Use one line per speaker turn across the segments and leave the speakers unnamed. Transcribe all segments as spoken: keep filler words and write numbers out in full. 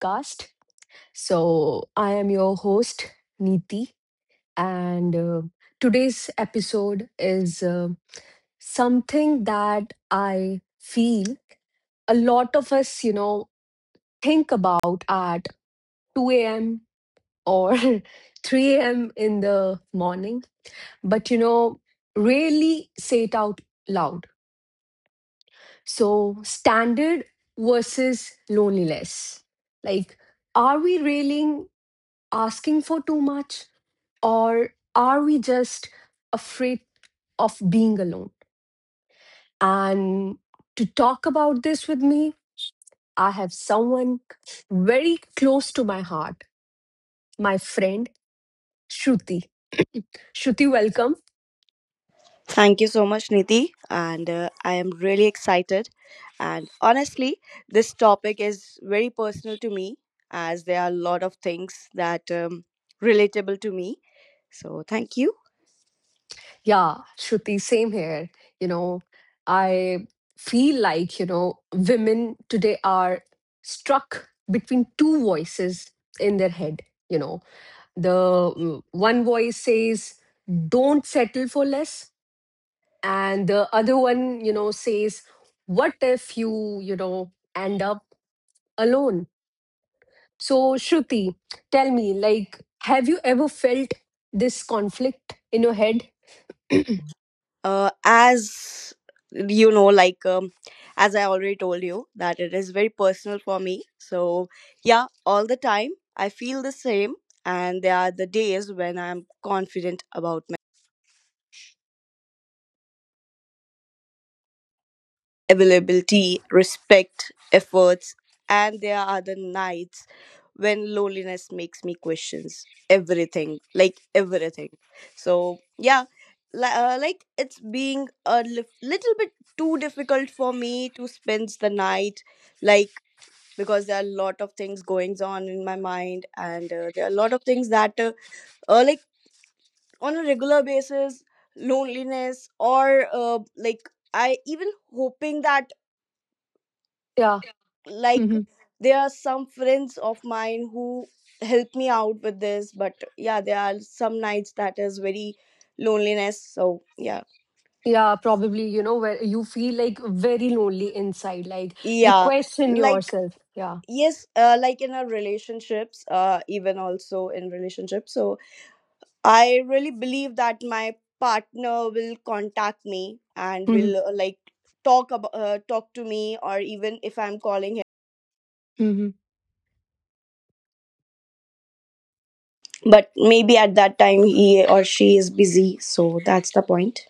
Podcast. So, I am your host, Neeti, and uh, today's episode is uh, something that I feel a lot of us, you know, think about at two a m or three a m in the morning, but, you know, rarely say it out loud So, standard versus loneliness. Like, are we really asking for too much or are we just afraid of being alone? And to talk about this with me, I have someone very close to my heart, my friend Shruti. Shruti, welcome.
Thank you so much, Niti. And uh, I am really excited. And honestly, this topic is very personal to me as there are a lot of things that um, relatable to me. So thank you.
Yeah, Shruti, same here. You know, I feel like, you know, women today are struck between two voices in their head. You know, the mm, one voice says, don't settle for less. And the other one, you know, says, what if you, you know, end up alone? So, Shruti, tell me, like, have you ever felt this conflict in your head?
Uh, as you know, like um, as I already told you, that it is very personal for me. So yeah, all the time I feel the same, and there are the days when I'm confident about availability, respect, efforts, and there are other nights when loneliness makes me questions everything, like everything. So yeah, li- uh, like it's being a li- little bit too difficult for me to spend the night, like because there are a lot of things going on in my mind, and uh, there are a lot of things that uh, uh, like on a regular basis, loneliness or uh, like, I even hoping that
Yeah.
like there are some friends of mine who help me out with this, but yeah, there are some nights that is very loneliness. So yeah,
Yeah, probably, you know, where you feel like very lonely inside, like you
yeah,
question
like,
yourself. Yeah.
yes, uh, like in our relationships, uh even also in relationships. So I really believe that my partner will contact me and
Hmm.
will uh, like talk about uh, talk to me, or even if I'm calling,
Hmm.
but maybe at that time he or she is busy. So that's the point.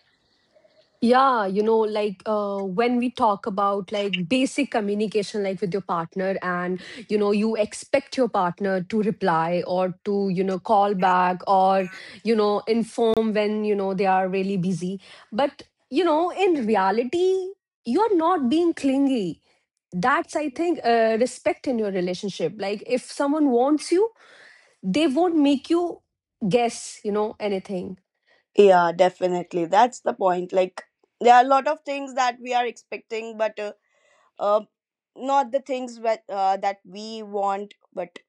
Yeah, you know, like uh, when we talk about like basic communication, like with your partner, and you know, you expect your partner to reply or to, you know, call back, or, you know, inform when, you know, they are really busy. But, you know, in reality, you're not being clingy. That's, I think, uh, respect in your relationship. Like, if someone wants you, they won't make you guess, you know, anything.
Yeah, definitely. That's the point. Like, there are a lot of things that we are expecting, but uh, uh, not the things that, uh, that we want, but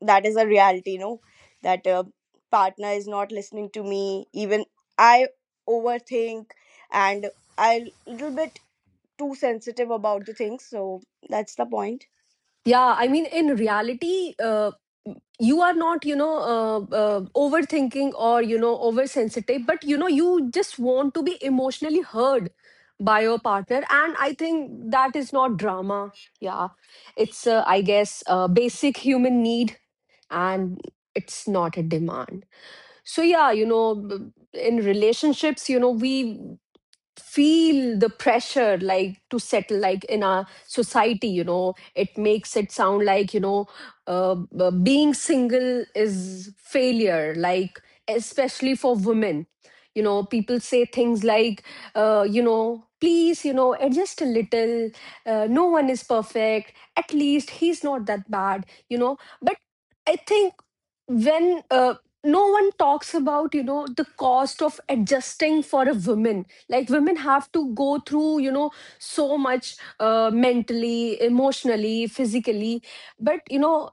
that is a reality, no? That uh, partner is not listening to me. Even I overthink and I little bit too sensitive about the things. So that's the point.
Yeah, I mean, in reality, uh, you are not you know uh, uh, overthinking or you know oversensitive, but you know you just want to be emotionally heard by your partner, and I think that is not drama. Yeah, it's uh, I guess a basic human need, and it's not a demand. So yeah. You know b- in relationships, you know we feel the pressure, like to settle, like, in our society. You know it makes it sound like you know uh, b- being single is failure, like especially for women. You know people say things like, uh, you know please, you know adjust a little. Uh, no one is perfect, at least he's not that bad, you know but I think when uh, no one talks about you know the cost of adjusting for a woman. Like, women have to go through you know so much, uh, mentally, emotionally, physically, but you know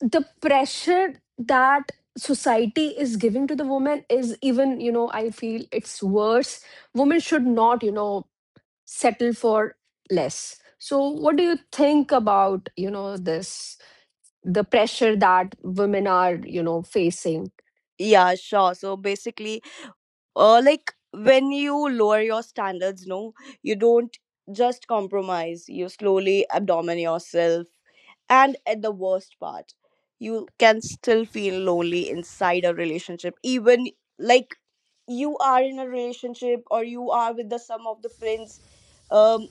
the pressure that society is giving to the woman is even, you know I feel, it's worse. Women should not you know settle for less. So, what do you think about you know this the pressure that women are you know facing?
Yeah, sure. So basically, uh, like, when you lower your standards, no, you don't just compromise. You slowly abandon yourself, and at the worst part, you can still feel lonely inside a relationship. Even like you are in a relationship, or you are with the some of the friends. Um,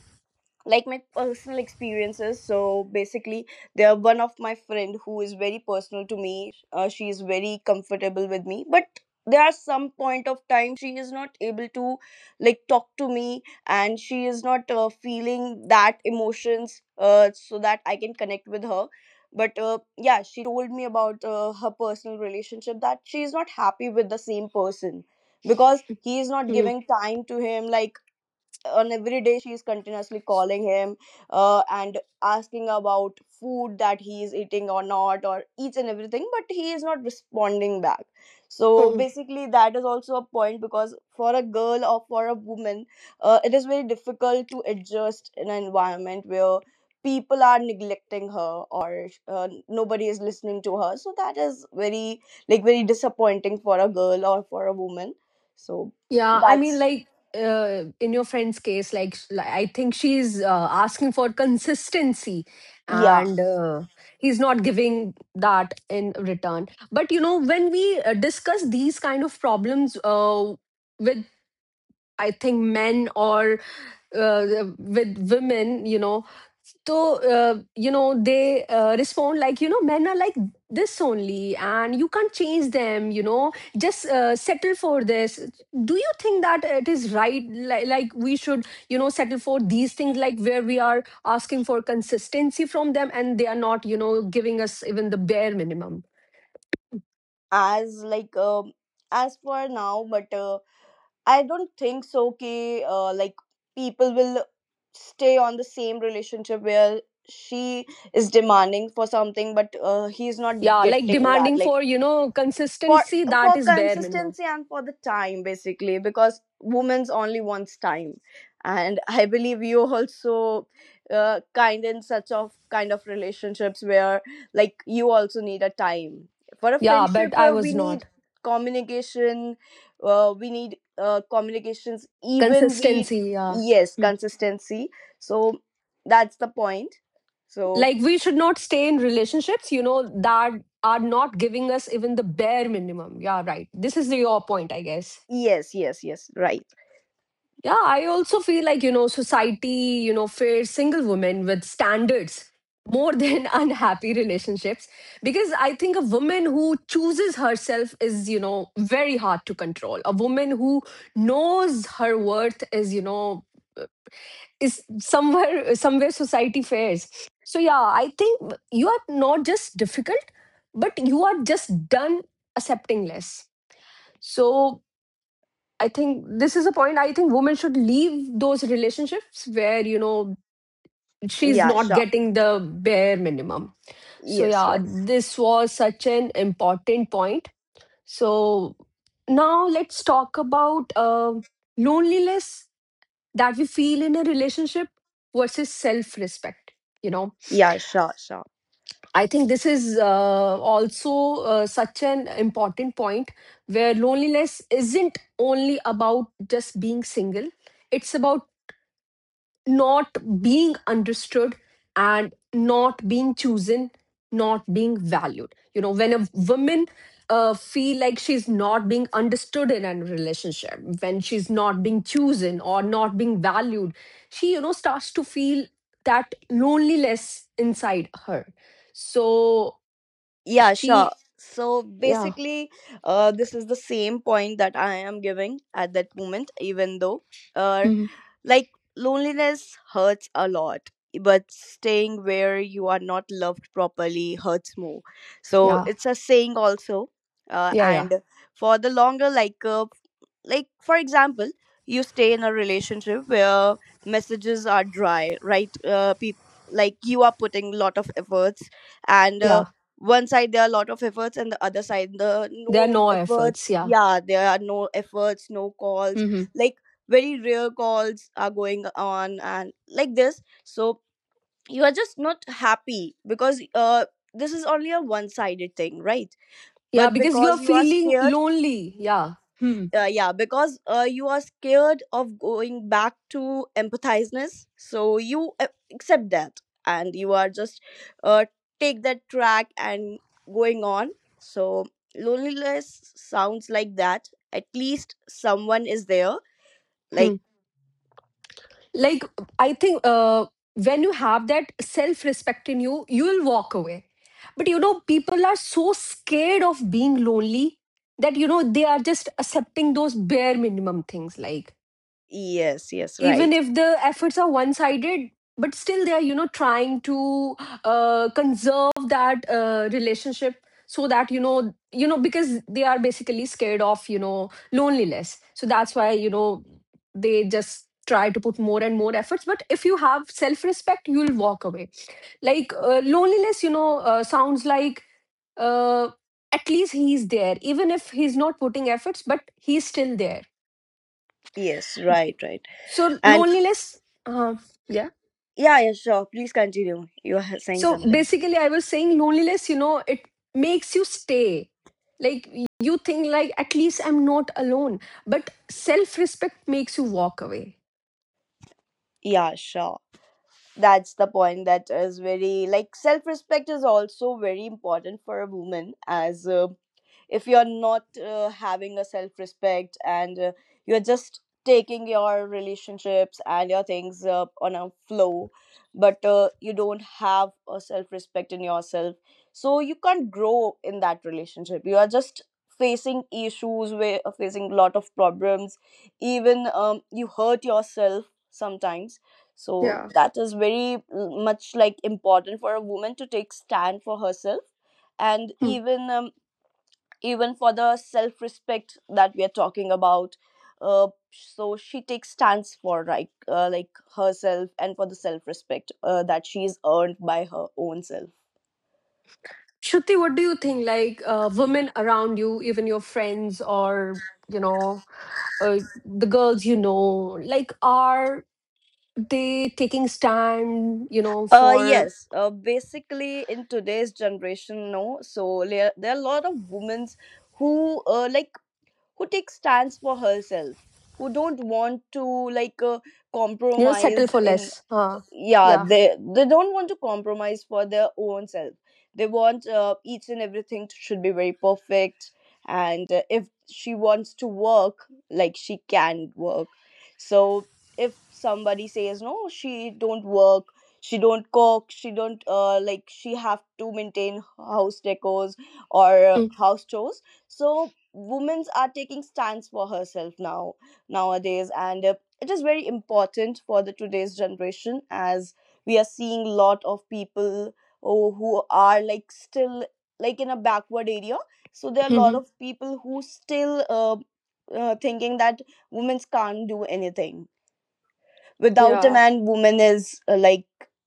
like, my personal experiences, so basically, they're one of my friend who is very personal to me. Uh, she is very comfortable with me, but there are some point of time she is not able to like talk to me, and she is not uh, feeling that emotions, uh, so that I can connect with her. But uh, yeah, she told me about uh, her personal relationship, that she is not happy with the same person because he is not giving time to him. Like, on every day she is continuously calling him, uh, and asking about food, that he is eating or not, or each and everything, but he is not responding back. So
Hmm.
basically that is also a point, because for a girl or for a woman, uh, it is very difficult to adjust in an environment where people are neglecting her, or uh, nobody is listening to her. So that is very, like, very disappointing for a girl or for a woman. So
Yeah, I mean,
that's
like uh, in your friend's case, like, sh- li- I think she's uh, asking for consistency,
yeah,
and uh, he's not giving that in return. But you know, when we uh, discuss these kind of problems uh, with, I think, men, or uh, with women, you know, so uh, you know they uh, respond like, you know men are like this only, and you can't change them, you know just uh, settle for this. Do you think that it is right, like, like we should you know settle for these things, like where we are asking for consistency from them and they are not you know giving us even the bare minimum?
as like, um as for now. But uh, I don't think so, okay, uh, like people will stay on the same relationship where she is demanding for something, but uh, he's not
Yeah, like,
getting that,
demanding
like,
for you know
for
consistency, that
for
is bare minimum.
consistency and for the time, basically, because women's only wants time. And I believe you also, uh, kind in such of kind of relationships where like you also need a time for a
Yeah, but
friendship.
I
Uh,
was
we
not
need communication, uh, we need uh, communications, even we,
consistency. Yeah,
yes, consistency. So that's the point. So
like, we should not stay in relationships you know that are not giving us even the bare minimum. Yeah, right, this is your point, I guess.
yes, yes, yes, right,
Yeah, I also feel like you know society you know fears single women with standards more than unhappy relationships, because I think a woman who chooses herself is you know very hard to control. A woman who knows her worth is you know is somewhere somewhere society fares. So yeah, I think you are not just difficult, but you are just done accepting less. So I think this is a point. I think women should leave those relationships where you know she's
yeah,
not
sure,
getting the bare minimum. So
yes,
yeah,
right,
this was such an important point. So now let's talk about uh, loneliness that we feel in a relationship versus self respect. you know
yeah, sure, sure.
I think this is uh, also uh, such an important point, where loneliness isn't only about just being single. It's about not being understood and not being chosen, not being valued. You know when a woman uh, feel like she's not being understood in a relationship, when she's not being chosen or not being valued, she you know starts to feel that loneliness inside her. So
Yeah, sure.
she.
So
Yeah.
basically, uh, this is the same point that I am giving at that moment. Even though, uh,
Hmm.
like, loneliness hurts a lot, but staying where you are not loved properly hurts more. So
Yeah,
it's a saying also. Uh,
yeah, yeah,
and for the longer, like, uh, like, for example, you stay in a relationship where messages are dry, right? uh, peop Like, you are putting a lot of efforts, and uh,
yeah,
one side there are a lot of efforts, and the other side the
there are
no
no efforts.
efforts.
Yeah.
Yeah, there are no efforts, no calls,
Hmm.
like very rare calls are going on, and like this. So you are just not happy, because uh, this is only a one sided thing, right?
Yeah,
But
because you are
because you are
feeling
scared,
lonely. Yeah. Hmm.
uh, yeah, because uh, you are scared of going back to empathizeness, so you uh, accept that, and you are just uh, take that track and going on. So loneliness sounds like that, at least someone is there, like.
Like, I think uh, when you have that self respect in you, you will walk away. But you know people are so scared of being lonely that you know they are just accepting those bare minimum things, like
Yes, yes,
even
right,
if the efforts are one sided, but still they are you know trying to uh, conserve that uh, relationship, so that you know you know because they are basically scared of you know loneliness. So that's why you know they just try to put more and more efforts. But if you have self respect, you will walk away. Like, uh, loneliness, you know uh, sounds like, uh, at least he's there, even if he's not putting efforts, but he's still there.
yes, right, right.
So
And
loneliness uh, Yeah.
yeah, yeah, sure, please continue, you are saying
So
something.
basically, I was saying loneliness, you know, it makes you stay. Like, you think, like at least I'm not alone. But self-respect makes you walk away.
Yeah, sure, that's the point. That is very, like, self-respect is also very important for a woman. As uh, if you're not uh, having a self respect, and uh, you're just taking your relationships and your things uh, on a flow, but uh, you don't have a self respect in yourself, so you can't grow in that relationship. You are just facing issues where uh, facing a lot of problems, even um, you hurt yourself sometimes. So
Yeah.
that is very mm, much like important for a woman to take stand for herself, and
Hmm.
even um, even for the self respect that we are talking about. Uh, so she takes stands for like uh, like, herself and for the self respect uh, that she's earned by her own self.
Shruti, what do you think? Like, uh, women around you, even your friends or you know uh, the girls, you know, like, are they taking stand? You know,
uh
for
yes uh, Basically, in today's generation, no, so there there are a lot of women who uh, like, who take stands for herself, who don't want to like uh,
you know, settle
compromise
for
in,
less. Uh,
yeah,
yeah.
they they don't want to compromise for their own self. They want uh, each and everything to- should be very perfect, and uh, if she wants to work, like, she can work. So if somebody says no, she don't work, she don't cook, she don't uh, like, she have to maintain house decors or uh, house chores. So women's are taking stands for herself now, nowadays, and uh, it is very important for the today's generation, as we are seeing a lot of people, oh, who are like still like in a backward area. So there are a lot
Mm-hmm.
of people who still uh, uh, thinking that women can't do anything without a
Yeah,
man, woman is uh, like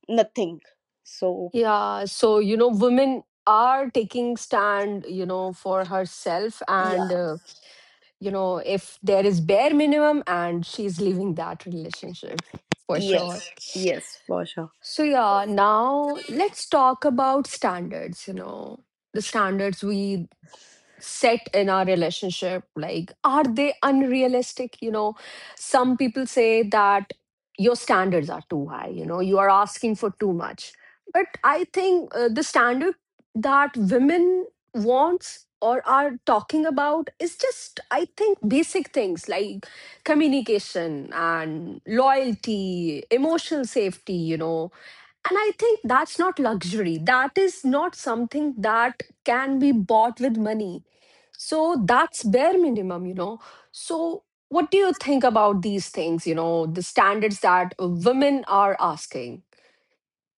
nothing. So
yeah, so you know, women are taking stand, you know, for herself,
yeah,
and uh, you know, if there is bare minimum, and she's leaving that relationship for sure.
yes, yes, for sure.
So yeah, now let's talk about standards. You know, the standards we set in our relationship, like, are they unrealistic? You know some people say that your standards are too high, you know you are asking for too much. But I think uh, the standard that women wants or are talking about is just, I think, basic things like communication and loyalty, emotional safety, you know and I think that's not luxury. That is not something that can be bought with money. So that's bare minimum, you know. So, what do you think about these things, you know, the standards that women are asking?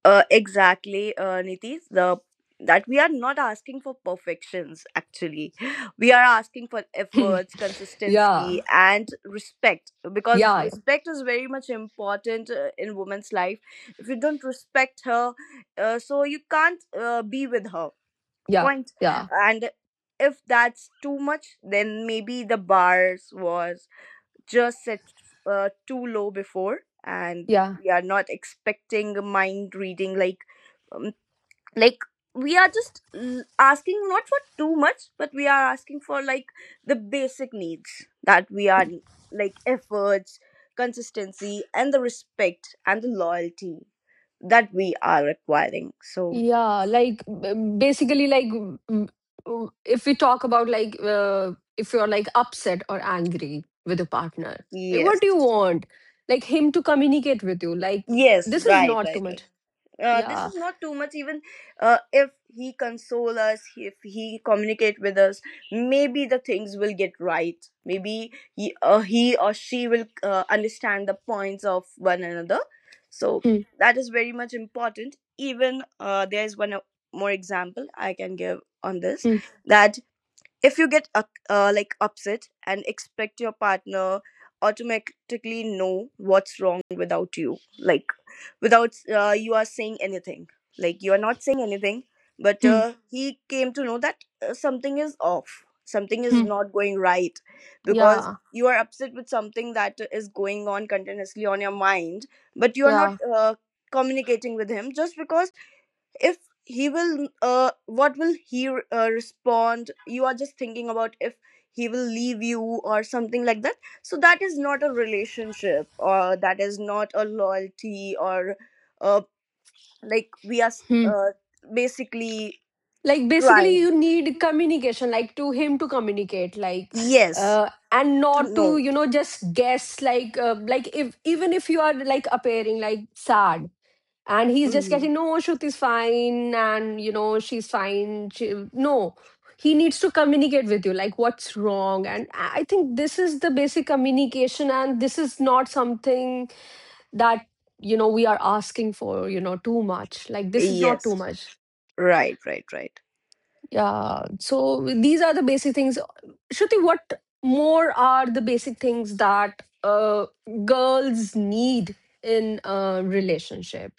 Uh, exactly, uh, Nitish. The that we are not asking for perfections. Actually, we are asking for
Yeah,
efforts, consistency, and respect. Because
yeah,
respect is very much important uh, in woman's life. If you don't respect her, uh, so you can't uh, be with her.
yeah,
Point.
yeah,
And if that's too much, then maybe the bars was just set uh, too low before, and
yeah.
we are not expecting mind reading. Like um, like, we are just l- asking not for too much, but we are asking for like the basic needs, that we are like, efforts, consistency, and the respect and the loyalty that we are requiring. So
Yeah, like, b- basically, like, w- w- w- if we talk about, like uh, if you're like upset or angry with a partner, like, what
yes,
do you want? Like, him to communicate with you. Like,
yes,
this is
right,
not too
right, right,
much.
uh, this
Yeah.
is not too much. Even uh, if he console us, if he communicate with us, maybe the things will get right, maybe he, uh, he or she will uh, understand the points of one another. So
Hmm,
that is very much important. Even uh, there is one uh, more example I can give on this,
hmm,
that if you get uh, uh, like, upset and expect your partner automatically know what's wrong without you, like, without uh, you are saying anything, like you are not saying anything, but
hmm,
uh, he came to know that uh, something is off, something is
hmm.
not going right, because
Yeah.
you are upset with something that is going on continuously on your mind, but you are not
Yeah.
uh, communicating with him, just because if he will, uh what will he r- uh, respond, you are just thinking about if he will leave you or something like that. So that is not a relationship, or that is not a loyalty, or uh like, we are s-
Hmm.
uh, basically
Like, basically,
trying,
you need communication, like to him to communicate, like,
yes,
uh, and
to
not to
know.
you know just guess, like uh, like if even if you are like appearing like sad, and he's just
Mhm.
getting, no, Shruti's fine, and you know she's fine, she, no, he needs to communicate with you, like what's wrong. And i I think this is the basic communication, and this is not something that you know we are asking for, you know too much. Like, this is not too
Yes,
much.
right, right, right.
Yeah, so these are the basic things. Shruti, what more are the basic things that uh, girls need in a relationship?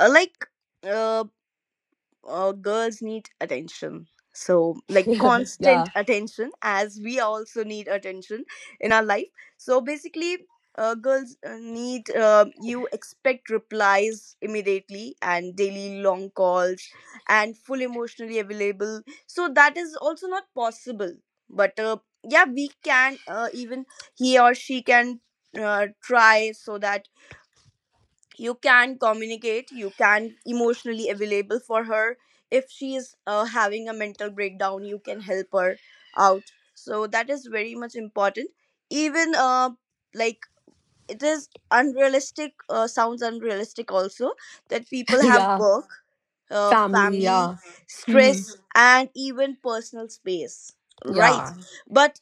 uh, Like, uh, uh, girls need attention, so like, constant
Yeah.
attention, as we also need attention in our life. So basically, uh, girls uh, need uh, you expect replies immediately, and daily long calls, and full emotionally available. So that is also not possible, but uh, yeah, we can, uh, even he or she can uh, try, so that you can communicate, you can emotionally available for her. If she is uh, having a mental breakdown, you can help her out. So that is very much important. Even uh, like, it is unrealistic, uh, sounds unrealistic also, that people have
Yeah.
work, uh,
Family,
family
yeah. Hmm.
stress, and even personal space, right?
Yeah.
But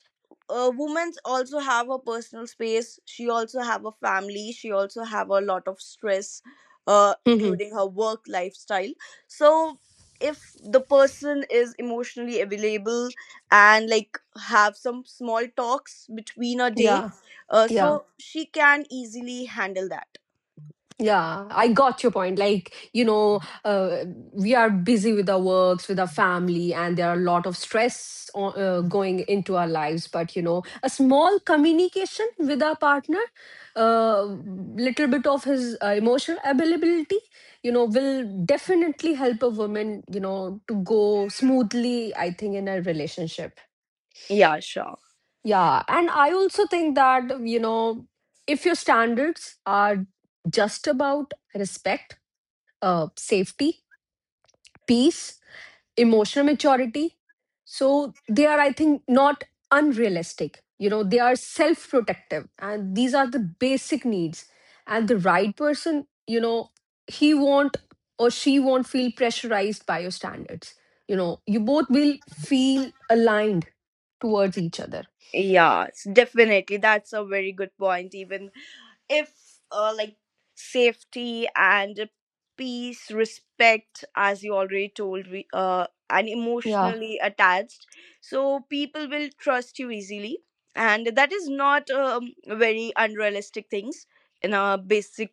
uh, women also have a personal space, she also have a family, she also have a lot of stress, uh,
Hmm.
including her work lifestyle. So if the person is emotionally available, and like have some small talks between a day,
Yeah.
uh,
Yeah.
so she can easily handle that.
Yeah. I got your point. Like, you know, uh, we are busy with our works, with our family, and there are a lot of stress o- uh, going into our lives. But, you know, a small communication with our partner, uh, little bit of his uh, emotional availability, you know, will definitely help a woman, you know, to go smoothly, I think, in a relationship.
Yeah, sure,
Yeah, and I also think that, you know, if your standards are just about respect, uh, safety, peace, emotional maturity, so they are, I think, not unrealistic. You know, they are self protective, and these are the basic needs. And the right person, you know, he won't or she won't feel pressurized by your standards. You know, you both will feel aligned towards each other.
yeah, s- definitely, that's a very good point. Even if uh, like, safety and peace, respect, as you already told me, uh, and
Yeah,
emotionally attached, so people will trust you easily. And that is not um, very unrealistic things in our basic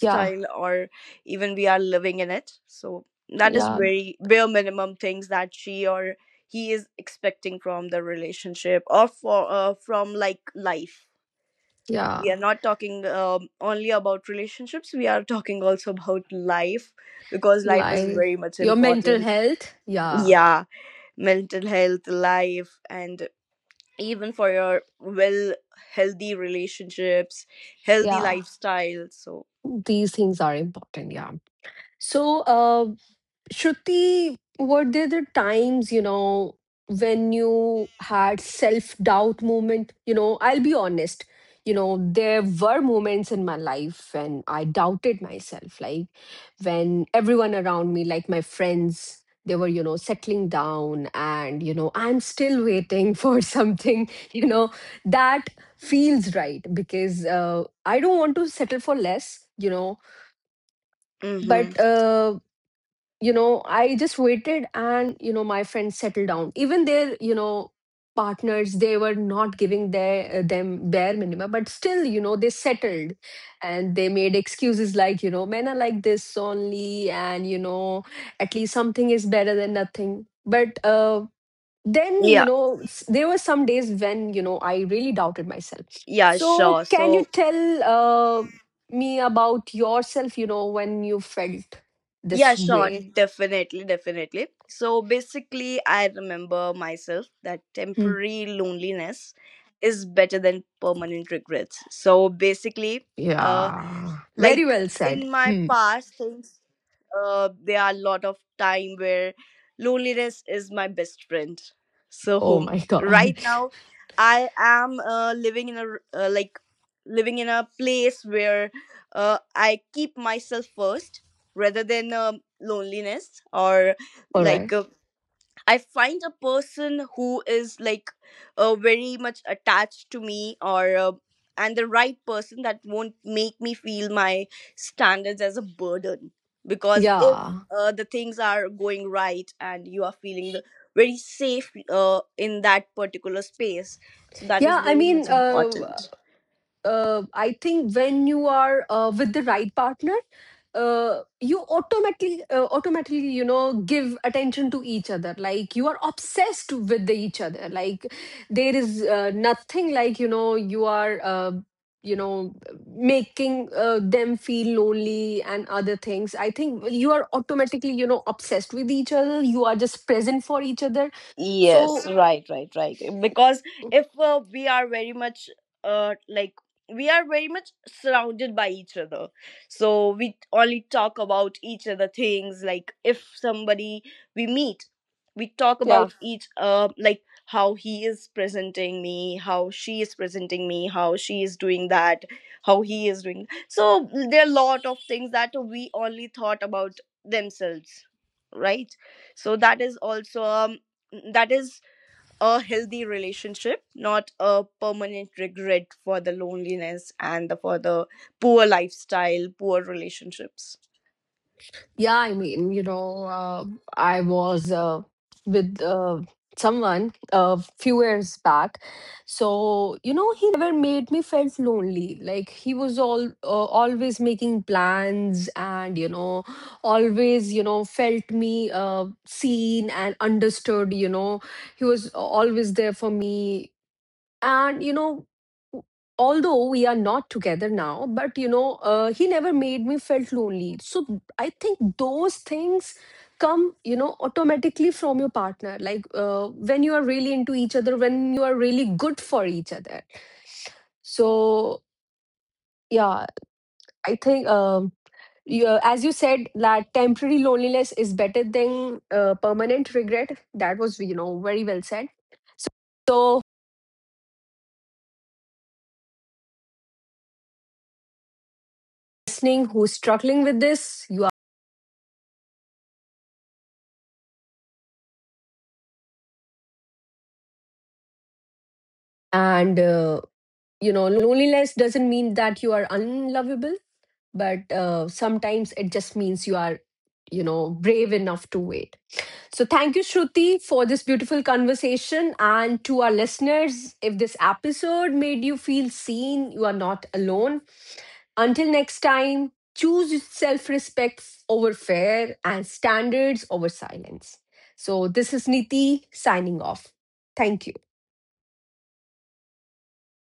yeah.
or even we are living in it. So that is
Yeah,
very bare minimum things that she or he is expecting from the relationship, or for uh, from, like, life.
yeah.
We are not talking um, only about relationships, we are talking also about life, because life is
Life,
very much
your mental
important.
health. Yeah.
Yeah, mental health life, and even for your well, healthy relationships, healthy
Yeah.
lifestyle. So,
These things are important. Yeah. So, uh, Shruti, were there the times, you know, when you had self-doubt moment? You know, I'll be honest, you know, there were moments in my life when I doubted myself, like when everyone around me, like my friends, they were, you know, settling down, and, you know, I'm still waiting for something, you know, that feels right, because uh, I don't want to settle for less, you know, but
mm-hmm.
uh, you know I just waited, and you know my friends settled down. Even their you know partners, they were not giving their them bare minimum, but still you know they settled, and they made excuses like, you know men are like this only, and you know at least something is better than nothing. But uh then, you
Yeah,
know s- there were some days when you know I really doubted myself.
yeah,
So
sure,
can you
so.
tell uh, me about yourself, you know when you felt this
Yeah, sure,
way?
definitely, definitely. So basically, I remember myself that
Hmm.
temporary loneliness is better than permanent regrets. So basically, uh,
Yeah. Very
like,
well said.
in my
Hmm.
past things, uh, there are a lot of time where loneliness is my best friend. So
Oh my God.
right now, I am uh, living in a r- uh, like, living in a place where uh, I keep myself first rather than um loneliness. Or
All right.
like, uh, I find a person who is like, uh, very much attached to me, or uh, and the right person that won't make me feel my standards as a burden. Because if
Yeah.
uh, the things are going right, and you are feeling the very safe, uh, in that particular space, so that is
Yeah. I
very
mean,
much
uh,
important.
uh, I think when you are uh, with the right partner, uh, you automatically, uh, automatically, you know, give attention to each other. Like, you are obsessed with the each other. Like, there is uh, nothing like you know you are. Uh, you know making uh, them feel lonely and other things. I think you are automatically you know obsessed with each other. You are just present for each other.
Yes,
So
right, right, right. Eh, Because if uh, we are very much uh like, we are very much surrounded by each other. So we only talk about each other things, like if somebody we meet, we talk
yeah.
about each uh like, how he is presenting me, how she is presenting me, how she is doing that, how he is doing. So there are a lot of things that we only thought about themselves, right? So that is also um that is a healthy relationship, not a permanent regret for the loneliness, and the, for the poor lifestyle, poor relationships.
Yeah, I mean, you know, uh, I was uh, with uh, someone a few years back. So, you know, he never made me felt lonely. Like, he was all uh, always making plans, and, you know, always, you know, felt me uh, seen and understood, you know. He was always there for me, and you know w- although we are not together now, but you know uh, he never made me felt lonely. So I think those things come you know automatically from your partner, like uh, when you are really into each other, when you are really good for each other. So yeah, I think um, you, uh, as you said, that temporary loneliness is better than uh, permanent regret. That was you know very well said. So, listening who's struggling with this, you are
And uh, you know Loneliness doesn't mean that you are unlovable, but uh, sometimes it just means you are you know brave enough to wait. So thank you, Shruti, for this beautiful conversation, and to our listeners, if this episode made you feel seen, you are not alone. Until next time, choose self respect over fear and standards over silence. So this is Niti signing off. Thank you.